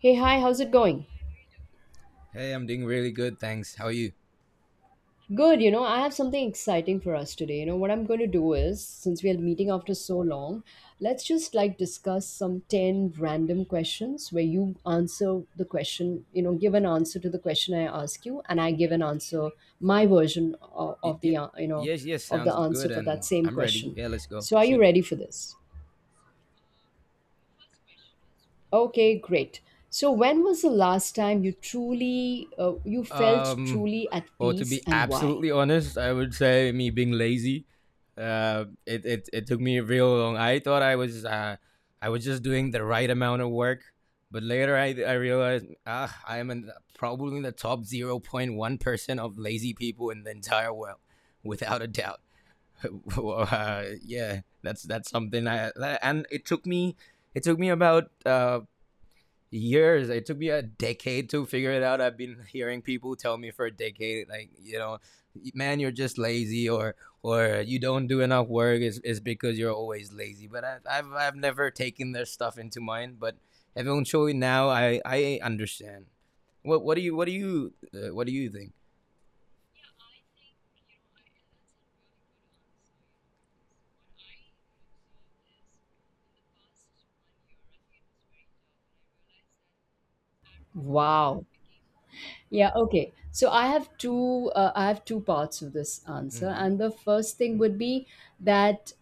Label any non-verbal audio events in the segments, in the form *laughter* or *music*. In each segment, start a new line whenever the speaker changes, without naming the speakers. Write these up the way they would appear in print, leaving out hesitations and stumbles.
Hey, hi, how's it going?
Hey, I'm doing really good, thanks. How are you?
Good, you know, I have something exciting for us today. You know, what I'm going to do is, since we are meeting after so long, let's just like discuss some 10 random questions where you answer the question, you know, give an answer to the question I ask you, and I give an answer, my version of,
Y-
of
y-
the, you know,
yes, yes,
of the
sounds good,
answer for that
and
same
I'm ready.
question.
Yeah, let's go.
So, are you
Shoot.
ready for this? Okay, great. So, when was the last time you truly, you felt
Um,
truly at
well, to
peace
be
and why?
absolutely honest, I would say me being lazy. It took me real long. I thought I was just doing the right amount of work, but later I realized ah, I am probably in the top 0.1% of lazy people in the entire world, without a doubt. *laughs* Yeah, that's something. And it took me about years. It took me a decade to figure it out. I've been hearing people tell me for a decade, like, you know, man, you're just lazy, or you don't do enough work. Is because you're always lazy. But I've never taken their stuff into mind. But eventually now, I understand. What do you think?
Wow. Yeah, okay. So I have two parts of this answer.
Hmm.
And the first thing would be that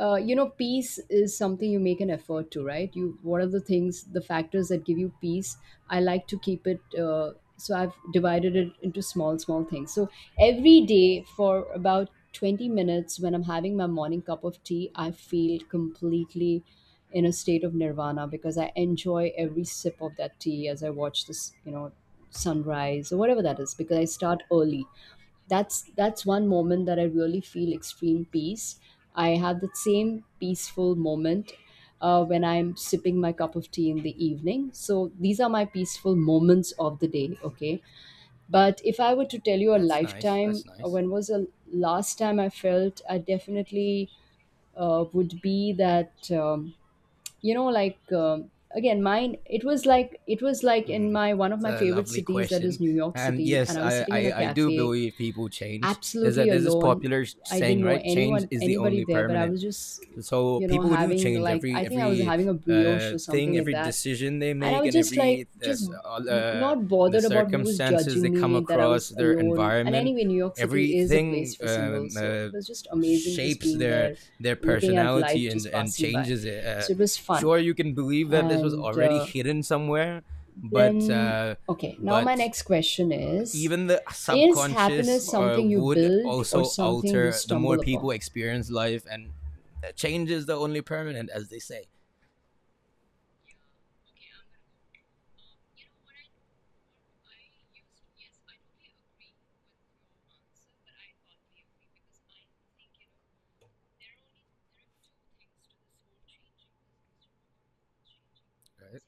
you know, peace is something you make an effort to, right? You, what are the things, the factors that give you peace? I like to keep it so I've divided it into small things. So every day for about 20 minutes, when I'm having my morning cup of tea, I feel completely in a state of nirvana because I enjoy every sip of that tea as I watch this, you know, sunrise or whatever that is, because I start early. That's one moment that I really feel extreme peace. I have that same peaceful moment when I'm sipping my cup of tea in the evening. So these are my peaceful moments of the day. Okay, but if I were to tell you a
That's nice.
lifetime,
That's nice.
when was the last time I felt, I definitely would be that, you know, like, again, mine, it was like in
Hmm.
my, one of
It's
my
a
favorite
lovely
cities, that
question,
is New York
and
City,
yes,
and I was
I,
sitting in
I
a
I do
cafe
believe people change. There's a
absolutely
there's this
alone.
popular
I didn't
saying,
know
right? Change
anyone
is the
anybody
only
there, but I
permanent.
was just,
So
you know,
people do
having,
change,
like, I
every
think I was
every
having a brioche
uh,
or something
thing,
like
every
that,
decision they
and I
make,
was
and
just like, just
all, uh,
not
the
bothered about who was
circumstances they
judging
come
me, that I
across,
was
their
alone. And
environment,
anyway, New York City is a place
everything
for singles, so it was just amazing just
shapes
being
their
there,
their
looking at life
personality and
just passing by.
changes it.
So it was fun.
Sure, you can believe that this was
And
already hidden somewhere, but
then,
uh,
okay, now my
but
next question is
even the
Is
subconscious
happiness something you
would
build or
also
something you
alter the more
stumble
people
upon?
experience life, and change is the only permanent, as they say. Right.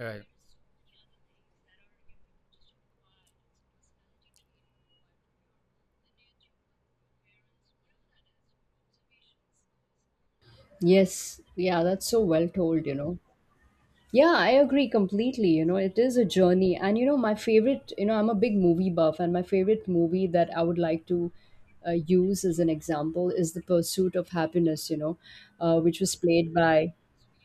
All right.
Yes, yeah, that's so well told, you know. Yeah, I agree completely. You know, it is a journey. And, you know, my favorite, you know, I'm a big movie buff, and my favorite movie that I would like to use as an example is The Pursuit of Happiness, you know, which was played by,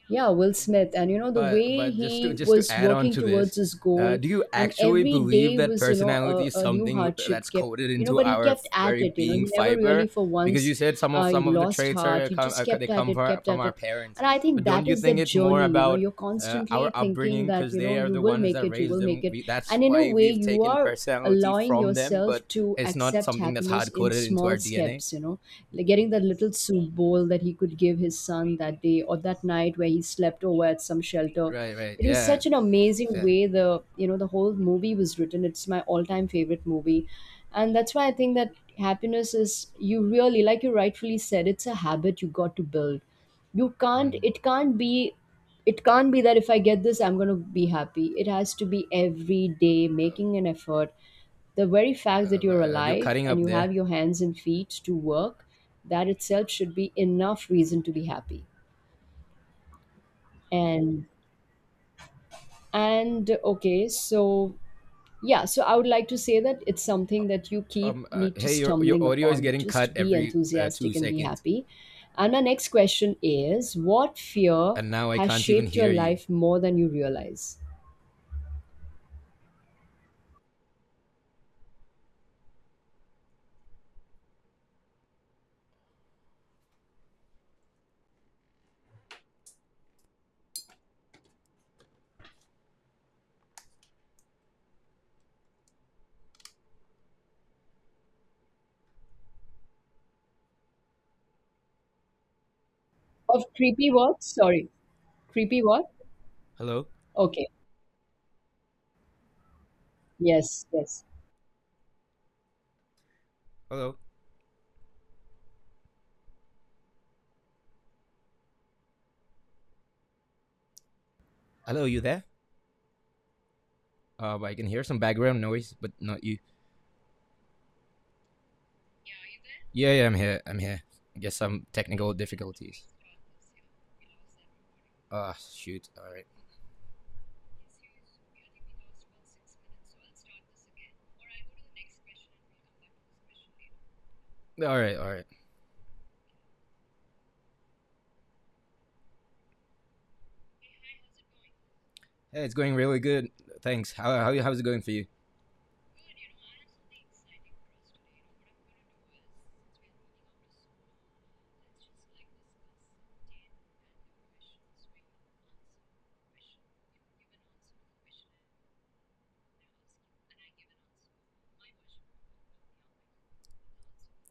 yeah, Will Smith. And you know, the
But
way
but just to
he
just to
was
add on
working
to this,
towards his goal,
do you
and
actually
every
believe
day
that
was, you know,
personality is
a new
something
hardship
that's
kept,
coded
you know,
into
but he
our
kept at
very
it. You know,
being
he never
fiber?
really for
Because you
once,
said some of
he
some of the
lost
traits are
heart,
uh,
he
come, uh,
just
they
kept at
come from
it,
our,
kept
from
at
our
it.
parents,
And I think
but don't
that
you
is the
think it's more
journey. You know,
about
you're
our
constantly thinking
upbringing,
that,
because
you
they
know,
are
you
the
will
ones
make
that
it, you
raised
will make
them.
it.
That's
And in a
why
way,
we've
you
taken
are
personality
allowing
from them,
yourself
but
to
it's not
accept
something that's
happiness
hard
in
coded into our
small
DNA.
steps, you know, like getting that little soup bowl that he could give his son that day, or that night where he slept over at some shelter.
Right, right,
It was
yeah,
such an amazing
fair.
way the, you know, the whole movie was written. It's my all-time favorite movie. And that's why I think that happiness is, you really, like you rightfully said, it's a habit you got to build. You can't,
Mm.
it can't be, it can't be that if I get this, I'm going to be happy. It has to be every day
Uh,
making an effort. The very fact that you're
you're
alive
cutting
and
up
you
there.
have your hands and feet to work, that itself should be enough reason to be happy. And and okay, so yeah, so I would like to say that it's something that you keep need to
Hey, your
stumbling
audio is
upon.
getting cut
Just be
every two
enthusiastic and be
seconds,
happy. And our next question is, what fear
and now I
has
can't even
shaped your
hear you.
life more than you realize? Of creepy what? Sorry. Creepy what?
Hello,
Okay. Yes, yes.
hello, hello, you there? I can hear some background noise, but not you. Yeah, yeah, I'm here. I'm here. I guess some technical difficulties. Ah, oh, shoot. All right, all right, all right. Hey, it's going really good. Thanks. How's it going for you?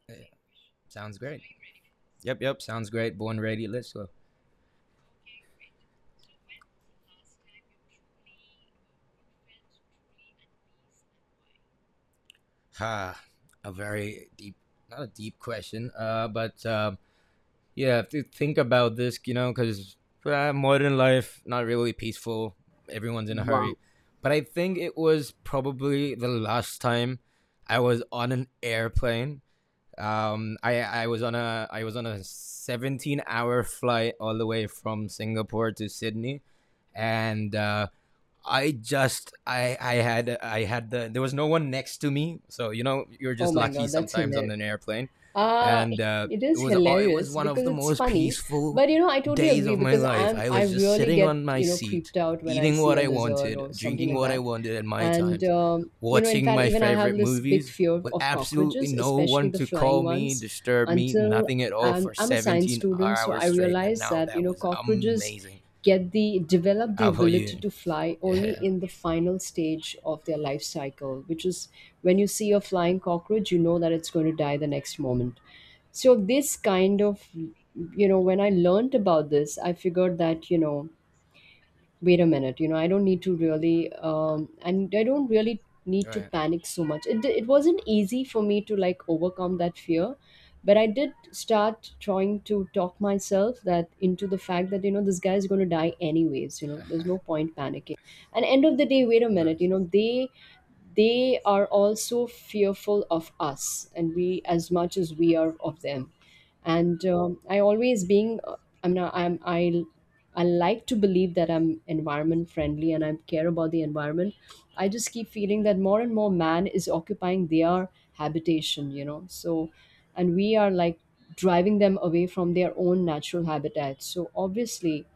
Hey, sounds great. Yep, yep. Sounds great. Born ready. Let's go. Ha. a very deep, Not a deep question. But Yeah, I have to think about this, you know, because modern life not really peaceful. Everyone's in a hurry. But I think it was probably the last time I was on an airplane. I was on a I was on a 17-hour flight all the way from Singapore to Sydney, and I just I had the there was no one next to me, so you know you're
Oh
just
my
lucky
God, that's
sometimes on
hilarious.
an airplane,
Uh,
and
it
it
is
was oh, it was
hilarious
one of
because
the
it's
most
funny.
peaceful
But you know, I totally
days
agree,
of my
because
life.
I'm
I
I
was just
really
sitting
get,
on my
you know,
seat,
creeped out when I
eating
see
what
a
I
lizard
wanted,
or something
drinking
like
what I
that.
wanted at my
And
times,
you know, in
watching
fact,
my
even I have
favorite
this big
movies
fear
with
of
absolutely
cockroaches,
no
especially
one
the
to call
flying
me,
ones,
disturb me,
until
nothing at all
I'm
for
I'm a science
17
student, so
hours
I
straight, and
realized
now
that, you
that
know,
was
cockroaches
amazing.
get the, develop the
How about
ability
you?
to fly only
Yeah.
in the final stage of their life cycle, which is when you see a flying cockroach, you know that it's going to die the next moment. So this kind of, you know, when I learned about this, I figured that, you know, wait a minute, you know, I don't need to really and I don't really
All
need to
right.
panic so much. It wasn't easy for me to like overcome that fear, but I did start trying to talk myself that into the fact that, you know, this guy is going to die anyways. You know, there's no point panicking. And end of the day, wait a minute,
Nice.
you know, they are also fearful of us, and we, as much as we are of them. And I always being I'm not I'm I like to believe that I'm environment friendly and I care about the environment. I just keep feeling that more and more man is occupying their habitation, you know. So and we are like driving them away from their own natural habitat, so obviously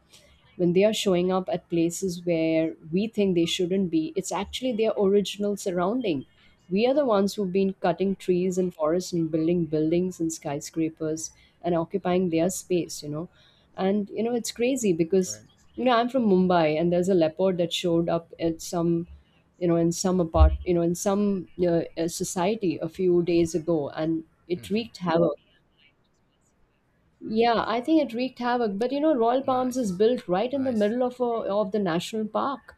when they are showing up at places where we think they shouldn't be, it's actually their original surrounding. We are the ones who've been cutting trees and forests and building buildings and skyscrapers and occupying their space, you know. And, you know, it's crazy because,
Right.
you know, I'm from Mumbai, and there's a leopard that showed up at some, you know, in some apart, you know, in some society a few days ago, and it wreaked havoc. Yeah, I think it wreaked havoc. But you know, Royal
*laughs*
Palms is
nice.
built right in the
Nice.
middle of the national park.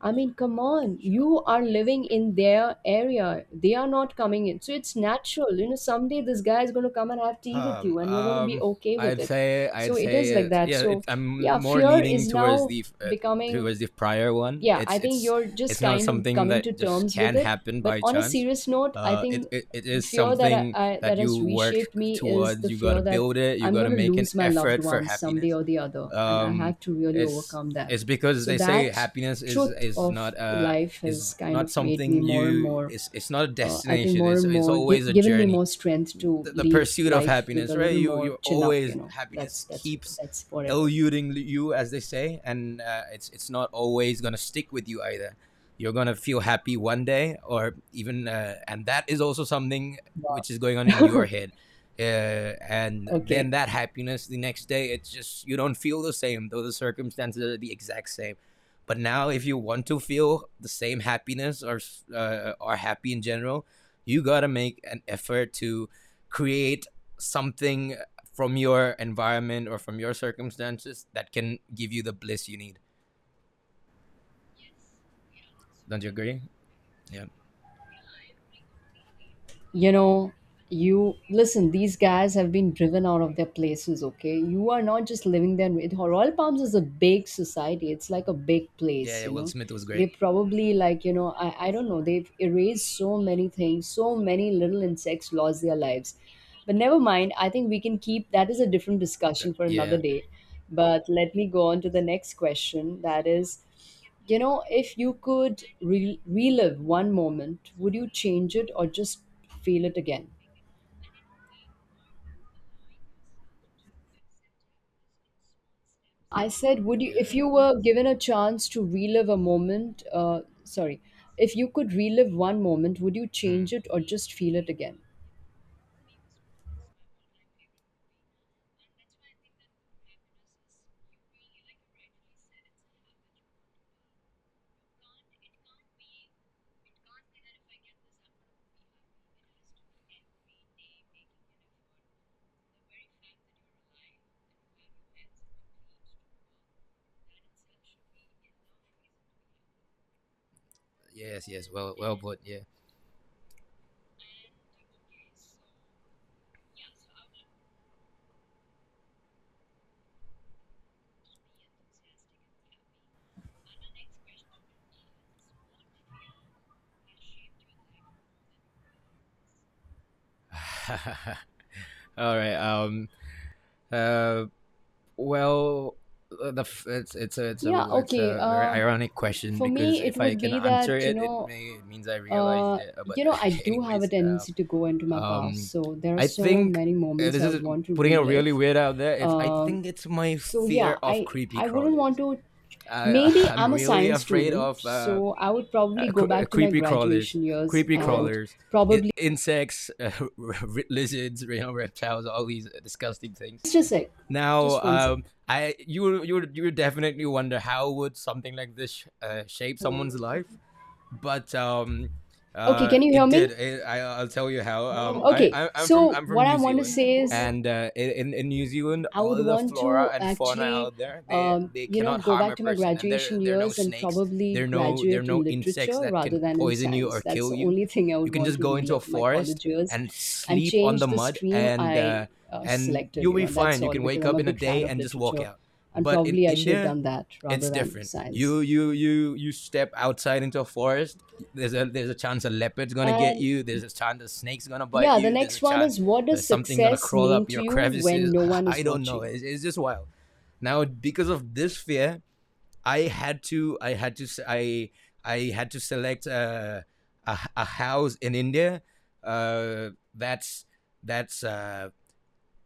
I mean, come on,
Sure.
you are living in their area. They are not coming in, so it's natural. You know, someday this guy is going to come and have tea with
Um,
you, and you're going to be
um,
okay with
I'd
it.
say
So
I'd
it
say
is like
it.
that.
Yeah,
So
I'm
yeah,
more
fear
leaning
is
towards
now
the uh,
becoming,
towards the prior one.
yeah,
It's
I think
it's
you're just
it's not
kind of
something
coming to
that just
terms with
can
it.
happen
But
by
on a
chance.
serious note, I
Uh, it,
think
it it
the
is
fear that
something
I
that
that has
you work
reshaped me is
towards.
the
You gotta
fear that
build it. You
I'm
gotta
going to
make an
lose my loved
effort for
ones someday
happiness.
or the other, and I
Um,
have to really
it's
overcome that.
it's because
So
they say
that
happiness
truth of life has
is
kind
not
of made me
something
more and
you
more.
it's not a
I think
destination.
more
It's
and
it's
more give,
always a
given me
journey,
more strength to
the
lead
pursuit of
life with
happiness,
a
right?
little
You
more chin up.
always
You know, that's
Happiness
that's
keeps
that's what it is.
eluding you, as they say, and it's not always gonna stick with you either. You're gonna feel happy one day, or even, and that is also something which is going on in your head. And then
Okay.
that happiness, the next day, it's just you don't feel the same, though the circumstances are the exact same. But now, if you want to feel the same happiness, or happy in general, you gotta make an effort to create something from your environment or from your circumstances that can give you the bliss you need. Don't you agree? Yeah.
You know, you listen, these guys have been driven out of their places. Okay, you are not just living there with her. Royal Palms is a big society. It's like a big
Yeah,
place,
yeah,
you
Will
know.
Smith was
They
great.
probably, like, you know, I don't know, they've erased so many things, so many little insects lost their lives. But never mind, I think we can keep that, is a different discussion for
Yeah,
another day. But let me go on to the next question, that is, you know, if you could relive one moment, would you change it or just feel it again? I said, would you,
yeah.
if you were given a chance to relive a moment, sorry, if you could relive one moment, would you
Hmm.
change it or just feel it again?
Yes, yes. Well, well put. Yeah. *laughs* All right. Uh. Well, the it's it's a it's
Yeah,
a it's
okay.
a very ironic question,
For
because
me, it
if I
would
can
be
answer
that,
it, it may it means I realized
uh,
it. But
you know, I
*laughs*
do have a
anyways,
tendency to go into my past.
um,
So there are
I
so
think
many moments
this
I
is
would want to
putting it really
relive.
weird out there. It's I
Uh,
think it's my
so
fear
yeah,
of
I
creepy
I wouldn't want
crawlers.
to.
I *laughs*
Maybe
I'm
I'm a
really
science
afraid
student,
of
so I would probably go back to my
creepy crawlers,
graduation years
creepy
and
crawlers,
probably
insects, *laughs* lizards, you know, reptiles, all these disgusting things.
just a sec,
Now,
just one sec.
I you you you would definitely wonder how would something like this shape someone's life, but
Okay, can you hear
it did.
me?
I'll tell you how. Um, I,
Okay,
I I'm from
so
I'm from
what I
New
want to
Zealand,
say is
and in New Zealand,
I would
all the
want
flora
to
and fauna
actually,
out there, they they
you know,
cannot
go
harm a
back to my
person, and there
graduation
there are no
years and
snakes.
probably
There are no there are
graduate
no
in
insects
literature
that can
rather than in
poison you or
science. That's
kill
the
you.
only *laughs* thing I
You
would
can
want
just
to
go into a
relive my
forest
college years
and
and
sleep on
change
the
the
mud,
stream
and
I
uh, and
selected,
you'll
you
be
know, that's
fine. You
all,
can
because
wake
I'm
up
a
in a
big fan
day
of
and just walk
literature
out.
and
But in
probably I should have
India,
done that
it's
rather than
different.
science.
You step outside into a forest. There's a chance a leopard's gonna get
And
you. There's a chance a snake's gonna bite
yeah, the
you. There's a
next one
chance
is, what does
something gonna
success
crawl
mean
up
to
your *laughs*
you when
crevices.
no one
I
is
don't know.
watching?
It's just wild. Now, because of this fear, I had to I had to I had to select a house in India uh, that's that's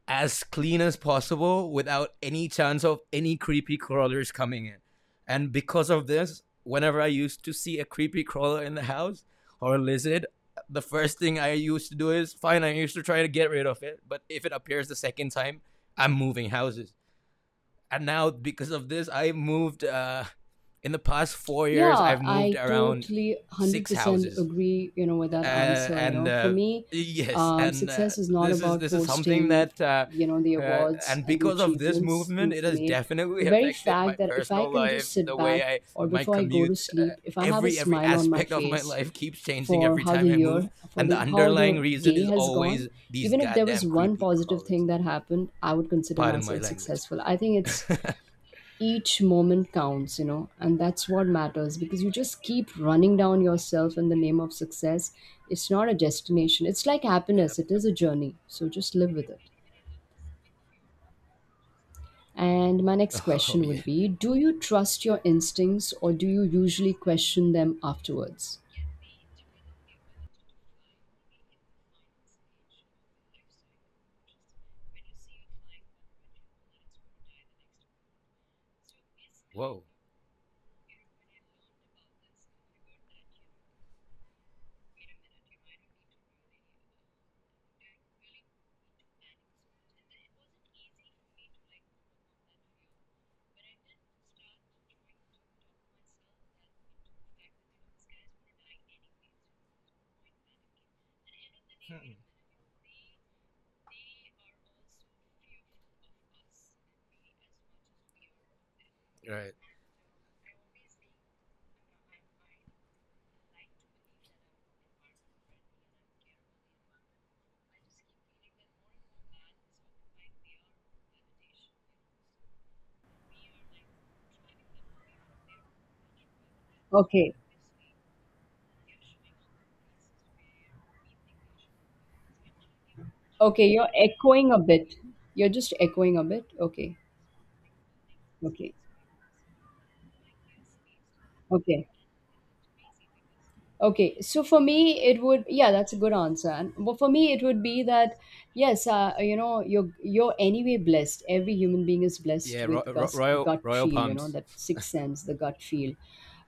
as clean as possible without any chance of any creepy crawlers coming in. And because of this, whenever I used to see a creepy crawler in the house or a lizard, the first thing I used to do is fine, I used to try to get rid of it, but if it appears the second time, I'm moving houses. And now, because of this, I've moved, in the past 4 years,
Yeah,
I've moved
I
around
totally
six
100%
houses,
agree, you know, with that answer. You
and
know, for me,
yes, and
success is not
this is
about
this is something
posting,
that.
you know, the awards
And
and the
because of this
achievements
movement, it
you've
has
made.
definitely *laughs*
The very
affected my
fact that if I
personal
can just
life,
sit
the way
back
I
or
my
before I go to
commute,
sleep, if I have a
every
smile on my
aspect of my
face
life keeps changing
for
every
how
time
the
I move,
year, for
and the
the how
underlying
the
reason
day
is
has gone,
always these
even if there
goddamn
was one
creepy
positive
crawlers.
thing that happened, I would consider
Pardon my
myself
language.
successful. I think it's each moment counts, you know, and that's what matters because you just keep running down yourself in the name of success. It's not a destination, it's like
Yep,
happiness, it
yep.
is a journey. So just live with it. And my next
*laughs* Oh
question
yeah.
would be, do you trust your instincts or do you usually question them afterwards?
Whoa. Right.
Okay, okay, you're echoing a bit. You're just echoing a bit. Okay, okay, okay. Okay, so for me, it would yeah, that's a good answer. And but for me, it would be that yes, you know, you're anyway blessed. Every human being is
Yeah.
blessed
Ro-
with
ro-
gut
royal
gut
royal
feel, you know,
palms.
that sixth sense, the gut feel.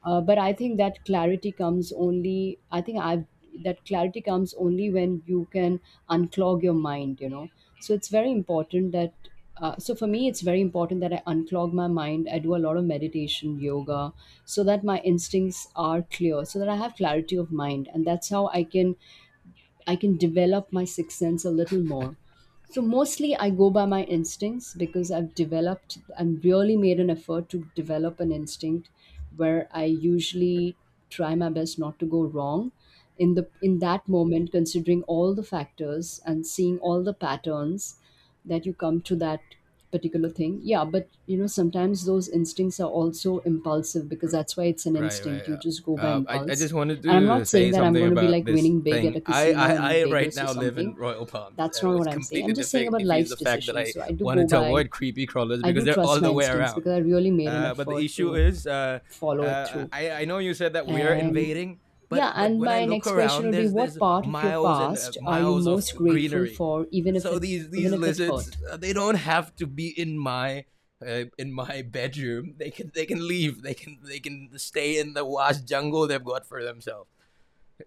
But I think that clarity comes only. I think I've that clarity comes only when you can unclog your mind. You know, so it's very important that so for me, it's very important that I unclog my mind. I do a lot of meditation, yoga, so that my instincts are clear, so that I have clarity of mind, and that's how I can develop my sixth sense a little more. So mostly I go by my instincts because I've developed, I'm really made an effort to develop an instinct where I usually try my best not to go wrong in the in that moment, considering all the factors and seeing all the patterns that you come to that particular thing. Yeah, but you know, sometimes those instincts are also impulsive because that's why it's an
Right, right.
instinct, you
Uh,
just go by
uh, I, I just
impulse.
wanted
And I'm
to
not saying
say
that I'm
something
going to be
about
like
this
winning big at
thing.
a
I, I,
casino in
I right
Vegas or
now live in
something.
Royal Palms,
That's
and
not what
which
I'm saying.
completely
I'm just saying about
defeats
life's
the fact that
decisions.
I
So I do go
wanted to
by,
avoid creepy crawlers
I
because
do
they're
trust
all
my
the way
instincts
around.
because I really made an
But the
effort
issue
to
is,
follow it through.
I know you said that we're
And
invading, but
yeah,
but
and
when I
my
look
next question
around,
would be,
there's
what
there's
part of your
miles and
past are you
miles of
most grateful
greenery.
for,
So these
even
these
if it hurt?
lizards, they don't have to be in my, in my bedroom. They can leave. They can stay in the vast jungle they've got for themselves.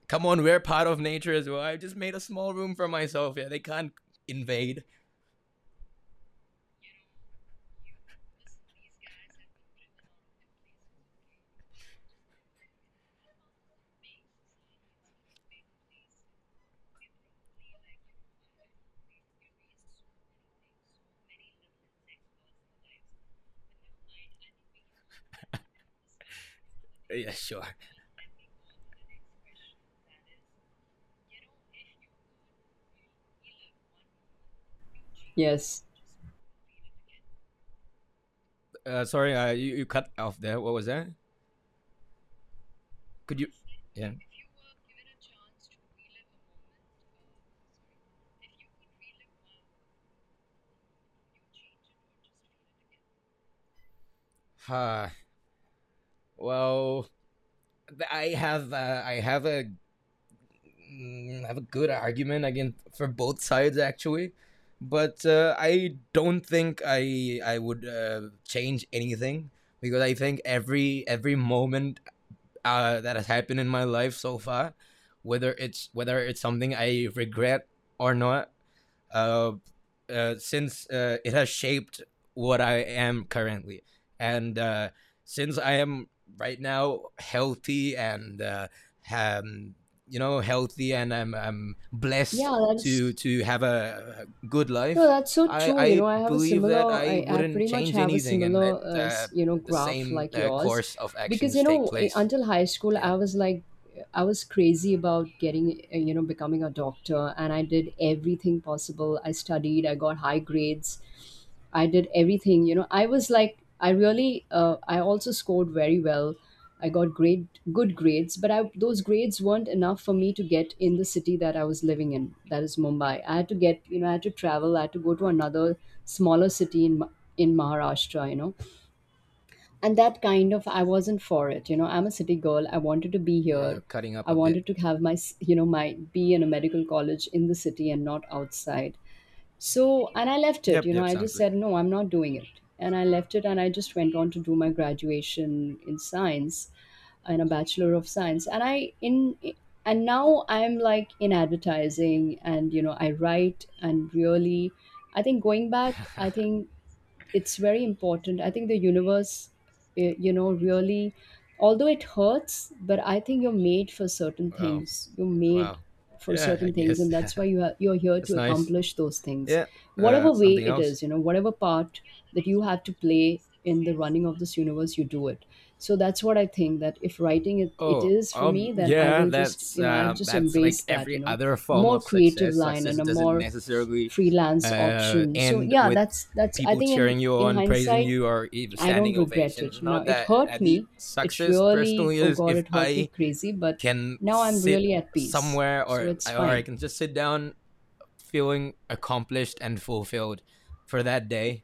Come on, we're part of nature as well. I just made a small room for myself. Yeah, they can't invade. Yeah, sure.
Yes.
Sorry, you cut off there. What was that? Could you? Yeah. Huh. Well, I have a mm, I have a good argument again for both sides, actually, but I don't think I would change anything, because I think every moment that has happened in my life so far, whether it's something I regret or not, uh, since it has shaped what I am currently. And since I am right now healthy, and um, you know healthy, and I'm blessed
Yeah,
to
that's
to have a good
No,
life,
that's so
I,
true. You know,
I
I have a
believe that
similar,
I
I
wouldn't
pretty much
change
have a
anything and let
similar, s- you know,
the
graph
same
like yours.
course of
Because,
actions
you
take
know, I-
place.
until high school,
Yeah,
I was like, I was crazy about getting, you know, becoming a doctor. And I did everything possible. I studied, I got high grades, I did everything. You know, I was like, I really, I also scored very well, I got great good grades, but I, those grades weren't enough for me to get in the city that I was living in. That is Mumbai. I had to get, you know, I had to travel. I had to go to another smaller city in Ma- in Maharashtra, you know, and that kind of I wasn't for it. You know, I'm a city girl. I wanted to be
yeah, you're
here.
cutting up
I
a bit.
wanted to have my, s- you know, my be in a medical college in the city and not outside. So, and I left it,
Yep,
you know,
yep,
I
sounds
just
good.
said, no, I'm not doing it. And I left it and I just went on to do my graduation in science and a bachelor of science. And I, in, and now I'm like in advertising and, you know, I write and really, I think going back, I think it's very important. I think the universe, you know, really, although it hurts, but I think you're made for
*laughs*
certain
Oh,
things. You're made
wow.
for
Yeah, I
certain things,
guess.
and that's why you ha- you're
*laughs*
here
That's
to
nice.
accomplish those things,
Yeah.
whatever way
Something
it is.
else.
You know, whatever part that you have to play in the running of this universe, you do it. So that's what I think. That if writing it, it
Oh,
is for me, then I
yeah.
will just,
That's
you know, I've
um,
just
that's like
embraced that.
every
You know,
other form
more
of
creative
success.
line
Success
and a
doesn't
more
necessarily
freelance option. So
end
yeah,
with
that's I
people
think
cheering you
in
on, praising
hindsight,
you, or even
I
standing
don't regret
ovations.
it.
It's
Now
not
it
that. Uh,
hurt
the
me. It
success
really,
personally
oh
is
God,
if
it hurt me
I
crazy, but
can
now I'm
sit
really at peace.
somewhere
So
or
it's
or I
fine.
can just sit down feeling accomplished and fulfilled for that day.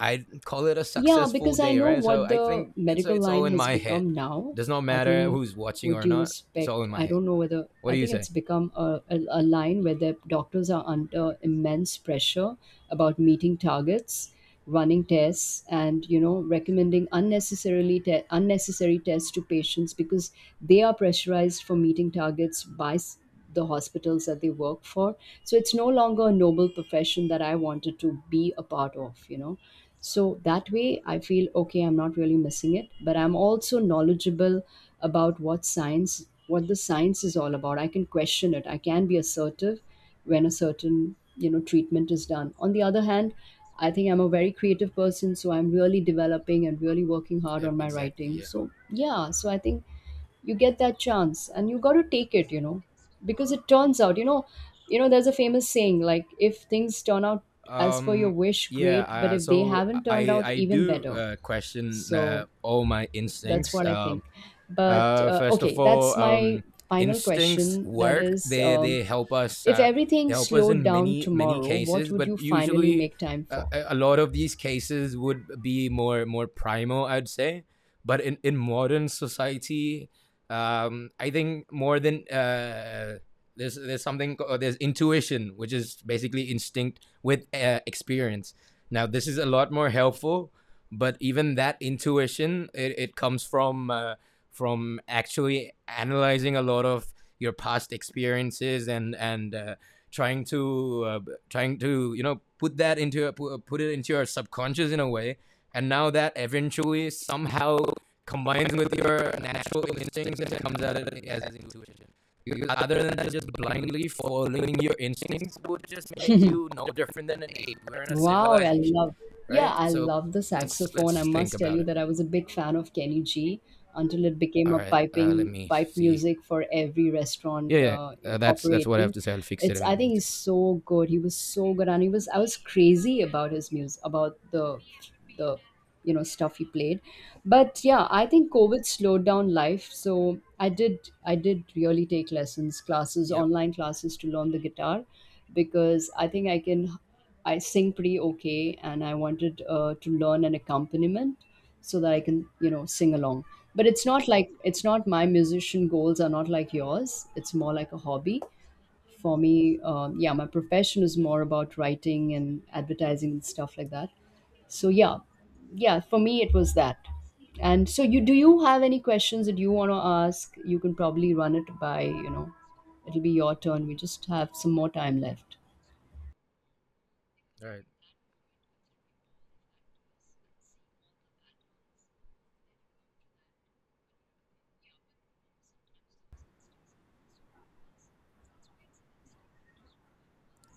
I call it a
Yeah,
successful
because I
day,
know
right? So
what
I
the
think it's
medical
it's all
line
in
has
my head.
become
It
now.
does not
I
matter
think,
who's watching
with
or
due
not. It's all
respect,
in my
I
head.
don't know whether
What
I
do you
think it's
say?
become a line where the doctors are under immense pressure about meeting targets, running tests, and you know recommending unnecessarily te- unnecessary tests to patients because they are pressurized for meeting targets by s- the hospitals that they work for. So it's no longer a noble profession that I wanted to be a part of. You know. So that way, I feel okay, I'm not really missing it, but I'm also knowledgeable about what science, what the science is all about. I can question it. I can be assertive when a certain, you know, treatment is done. On the other hand, I think I'm a very creative person, so I'm really developing and really working hard
Yep,
on my
exactly.
writing.
Yeah.
So yeah, so I think you get that chance and you got to take it, you know, because it turns out, you know, you know there's a famous saying like, if things turn out as per your
Um.
wish,
Yeah.
great, but
Uh,
if they
so
haven't, turned
I
out
I
even
do
better.
question
So
all my
that's
instincts.
what I think. But
Uh, first of
okay,
all,
that's my final
instincts
question, that
work.
is,
They they help us.
if
They
everything
help us
slowed
in
down
many
tomorrow, what
cases,
would you
but
finally
usually.
make time for?
A lot of these cases would be more primal, I'd say. But in modern society, I think more than there's something called, there's intuition, which is basically instinct with experience. Now this is a lot more helpful, but even that intuition, it comes from actually analyzing a lot of your past experiences and trying to uh, trying to put that put it into your subconscious in a way, and now that eventually somehow combines with your natural instincts and comes out as intuition, because other than that, just blindly following your instincts would just make you no different than an ape. We're in a
Wow, I
civilization,
love. Yeah,
right?
I
So
love the
let's
saxophone. I
let's think
must tell
about
you
it.
that I was a big fan of Kenny G until it became
All
a
right, let
piping
me
pipe
see.
music for every
Yeah,
restaurant
yeah, that's what I have
operating.
to say. I'll fix it
It's
in the
I think he's
meantime.
so good. He was so good, and he was I was crazy about his music, about the you know stuff he played. But yeah, I think COVID slowed down life, so I did really take lessons, classes,
Yep.
online classes to learn the guitar because I think I can. I sing pretty okay, and I wanted to learn an accompaniment so that I can, you know, sing along. But it's not like it's not my musician goals are not like yours. It's more like a hobby for me. Yeah, my profession is more about writing and advertising and stuff like that. So yeah, yeah, for me it was that. And so you do, you have any questions that you want to ask? You can probably run it by, you know, it'll be your turn. We just have some more time left.
All right.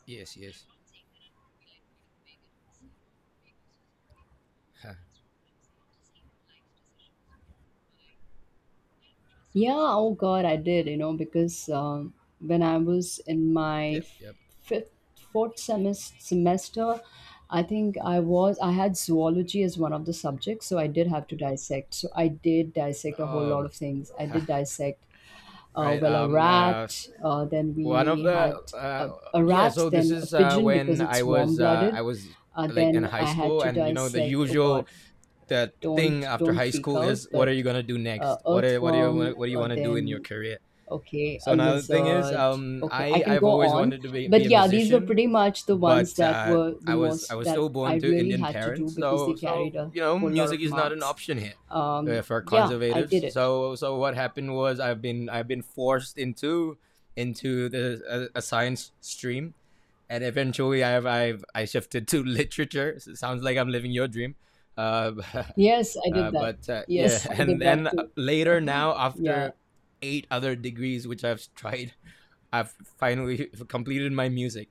Yes. Yes. Huh.
Yeah, oh God, I did, you know, because when I was in my
Yep. Yep.
fifth, fourth semester, I think I was, I had zoology as one of the subjects, so I did have to dissect. So I did dissect a whole lot
Um.
of things. I
*laughs* Huh.
did dissect,
Right.
well, a rat, then
One of
we
the.
had a
Yeah.
rat,
So this
then a
is
pigeon
when
because it's
I
warm-blooded.
was like in
Then
high
I had
school,
to
and you know
dissect, oh God,
the thing
don't,
after
don't
high
freak
school
out,
is what are you
but
gonna do next? What do you
earthworm,
what do you want to do in your
then
career?
Okay, a
So now the thing is,
lizard. Okay, I
I
can
I've
go
always
on.
wanted to be
But
a
yeah, these were
musician,
pretty much the ones
but
that were the
I was I
most
was
that
still
I
born to
really
Indian
had to do
parents,
because they
so
carried a
you know
whole lot
music
of
is not an
marks.
option here for
Yeah, I
conservatives.
did it.
So what happened was I've been forced into the a science stream, and eventually I shifted to *laughs* literature. So it sounds like I'm living your dream. Uh, *laughs*
Yes, I did that.
but yeah,
Yes,
*laughs*
*laughs* I
and
did
then
that too.
later now
Yeah.
after eight other degrees which I've tried, *laughs* I've finally completed my music.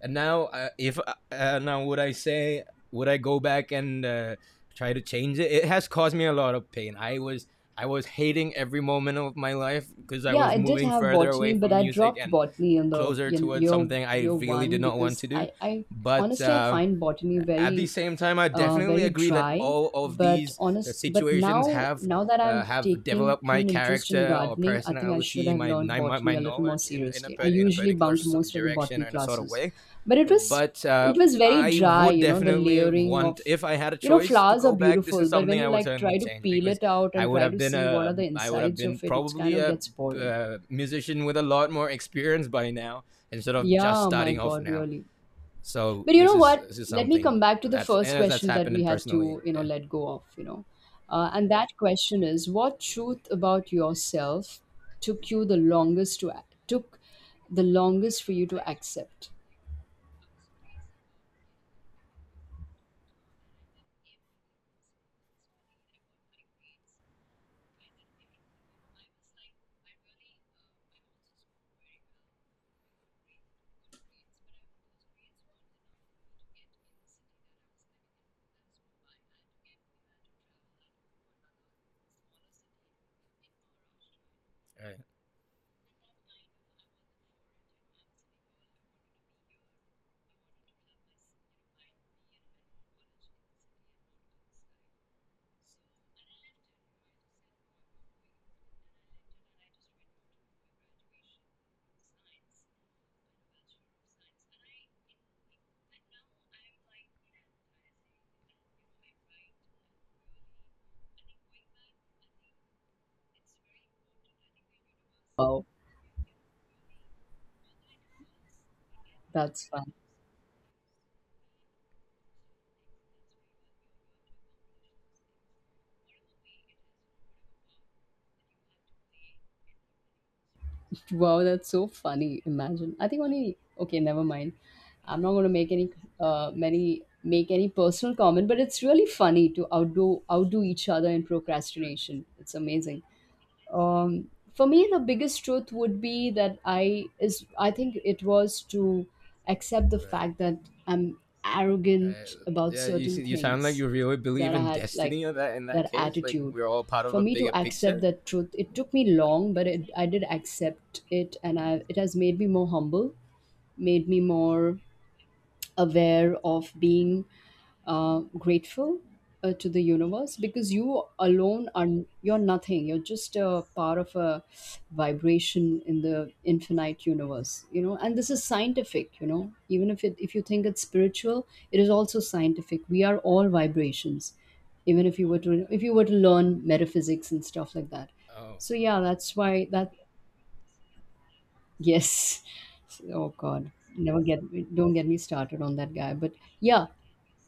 And now if now would I say, would I go back and try to change it? It has caused me a lot of pain. I was hating every moment of my life because I
Yeah,
was
I did
moving
have
further away
botany, but
from
I
music
dropped
and
botany in the
closer
in
towards
year
something I
year
really did
one
not want
because
to do.
I
But
honestly I find botany
at the
very
same time, I definitely
very
agree that
dry,
all of
but
these
honest, but
situations
now
have
now that
uh,
I've
have
taken
developed my
keen interest in
character or
gardening, I think I should
personality,
have
my
learned
my,
botany
my
a little more
knowledge in in a
seriously.
par-
I
in a
usually
particular
bunked most of the
direction
botany
or in a sort of
classes,
way.
but
But
it was very
I
dry,
would
you know, the
definitely
layering
want,
of,
if I had a
you know,
choice to
flowers are
go back, this is
beautiful, but
something
when you
I would
like
certainly
try to
change,
peel
because
it out and try to see what are the
I would have
insides
been
of it, it's kind
probably
of
a
gets boring.
musician with a lot more experience by now instead of just
Yeah, my
starting off
God,
now.
really.
So
But you
this
know
is
what?
this is
Let me
something
come back to the first
that's
question that we
happening
had to,
personally.
you know,
Yeah.
let go of, you know. And that question is, what truth about yourself took you the longest to ac- took the longest for you to accept?
Right,
Wow, that's fun. Wow, that's so funny. Imagine. I think only okay, never mind. I'm not going to make any many make any personal comment, but it's really funny to outdo each other in procrastination. It's amazing. Um, for me the biggest truth would be that I is I think it was to accept the
right.
fact that I'm
Right.
arrogant about
Yeah, you
certain
see, you sound
things,
like you really believe
that I
in
had like
destiny of that in that
that
case. Like
attitude,
we're all part of
for
a
me to
bigger
accept
picture.
that truth it took me long, but it, I did accept it and I, it has made me more humble, made me more aware of being grateful to the universe, because you alone are you're nothing, you're just a part of a vibration in the infinite universe, you know, and this is scientific, you know, even if it if you think it's spiritual, it is also scientific, we are all vibrations, even if you were to if you were to learn metaphysics and stuff like that.
Oh,
So yeah, that's why that Yes. Oh God. Never get don't get me started on that guy. But yeah,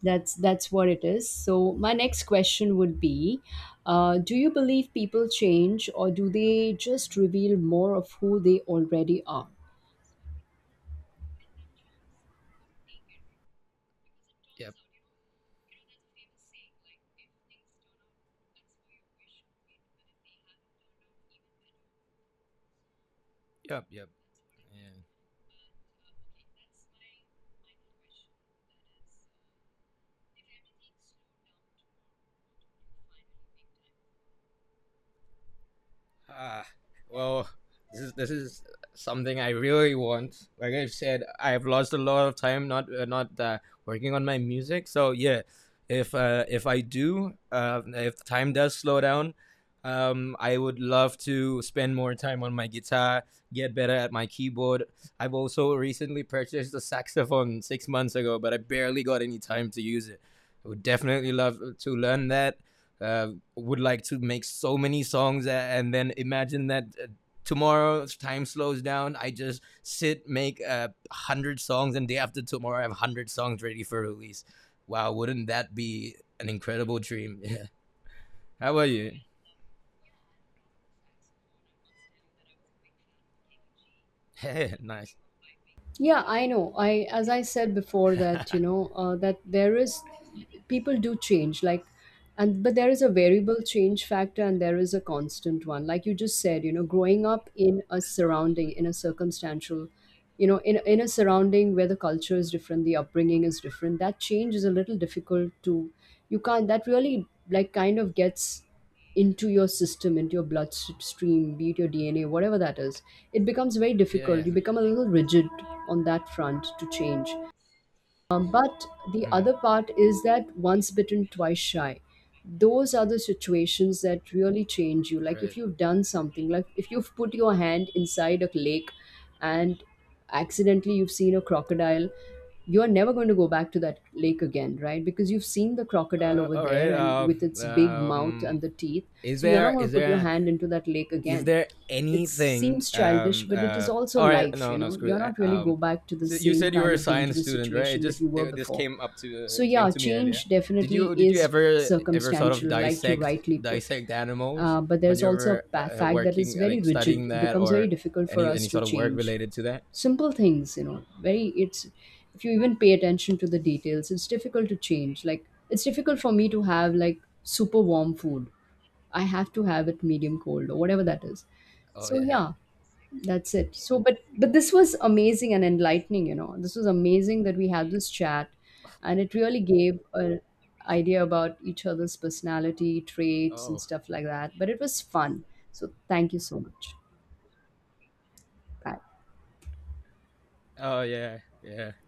that's what it is. So my next question would be, do you believe people change or do they just reveal more of who they already are?
yep, yep, yep. Yeah. Ah, well, this is something I really want. Like I've said, I've lost a lot of time not working on my music. So yeah, if I do, if the time does slow down, I would love to spend more time on my guitar, get better at my keyboard. I've also recently purchased a saxophone 6 months ago, but I barely got any time to use it. I would definitely love to learn that. Would like to make so many songs and then imagine that tomorrow time slows down, I just sit, make a 100 songs, and day after tomorrow I have 100 songs ready for release. Wow, wouldn't that be an incredible dream? *laughs* Yeah. How about you? Hey, nice.
Yeah, I know. I as I said before
*laughs*
that,
Yeah,
you know, that there is people do change, like and but there is a variable change factor and there is a constant one. Like you just said, you know, growing up in a surrounding in a circumstantial, you know, in a surrounding where the culture is different, the upbringing is different, that change is a little difficult to you can't that really like kind of gets into your system, into your bloodstream, be it your DNA, whatever that is, it becomes very difficult.
yeah.
You become a little rigid on that front to change. But the
Hmm.
other part is that once bitten, twice shy. Those are the situations that really change you. Like if
Right.
you've done something, like if you've put your hand inside a lake and accidentally you've seen a crocodile, you're never going to go back to that lake again, right? Because you've seen the crocodile over
All
there
right,
and with its big mouth and
um
the teeth.
is
So you're not
there
going
is
to put your
there
hand into that lake
is
again.
there
It
anything?
seems childish, but it is also
All right,
life,
no,
you
no,
know,
screw
you're
that.
not really
Um,
go back to the
so you
same
said you were
kind
a
of
science
dangerous
student, right?
situation that you were
This
before.
came up to
So,
uh, came
yeah,
to me earlier.
change
Did
definitely
you did you
is
ever sort of
circumstantial, like you
dissect
rightly put.
dissect animals
But
when
there's
you
also a
were
pa- fact that is
working
very
like studying
rigid. It
that
becomes very
or
difficult for
any
us to
sort of work
change.
related to that?
Simple things, you know, very, it's, if you even pay attention to the details, it's difficult to change. Like, it's difficult for me to have like super warm food. I have to have it medium cold or whatever that is.
Oh
So,
yeah.
yeah, that's it. So, but this was amazing and enlightening. You know, this was amazing that we had this chat, and it really gave an idea about each other's personality traits and
Oh.
stuff like that. But it was fun. So, thank you so much. Bye.
Oh yeah. Yeah.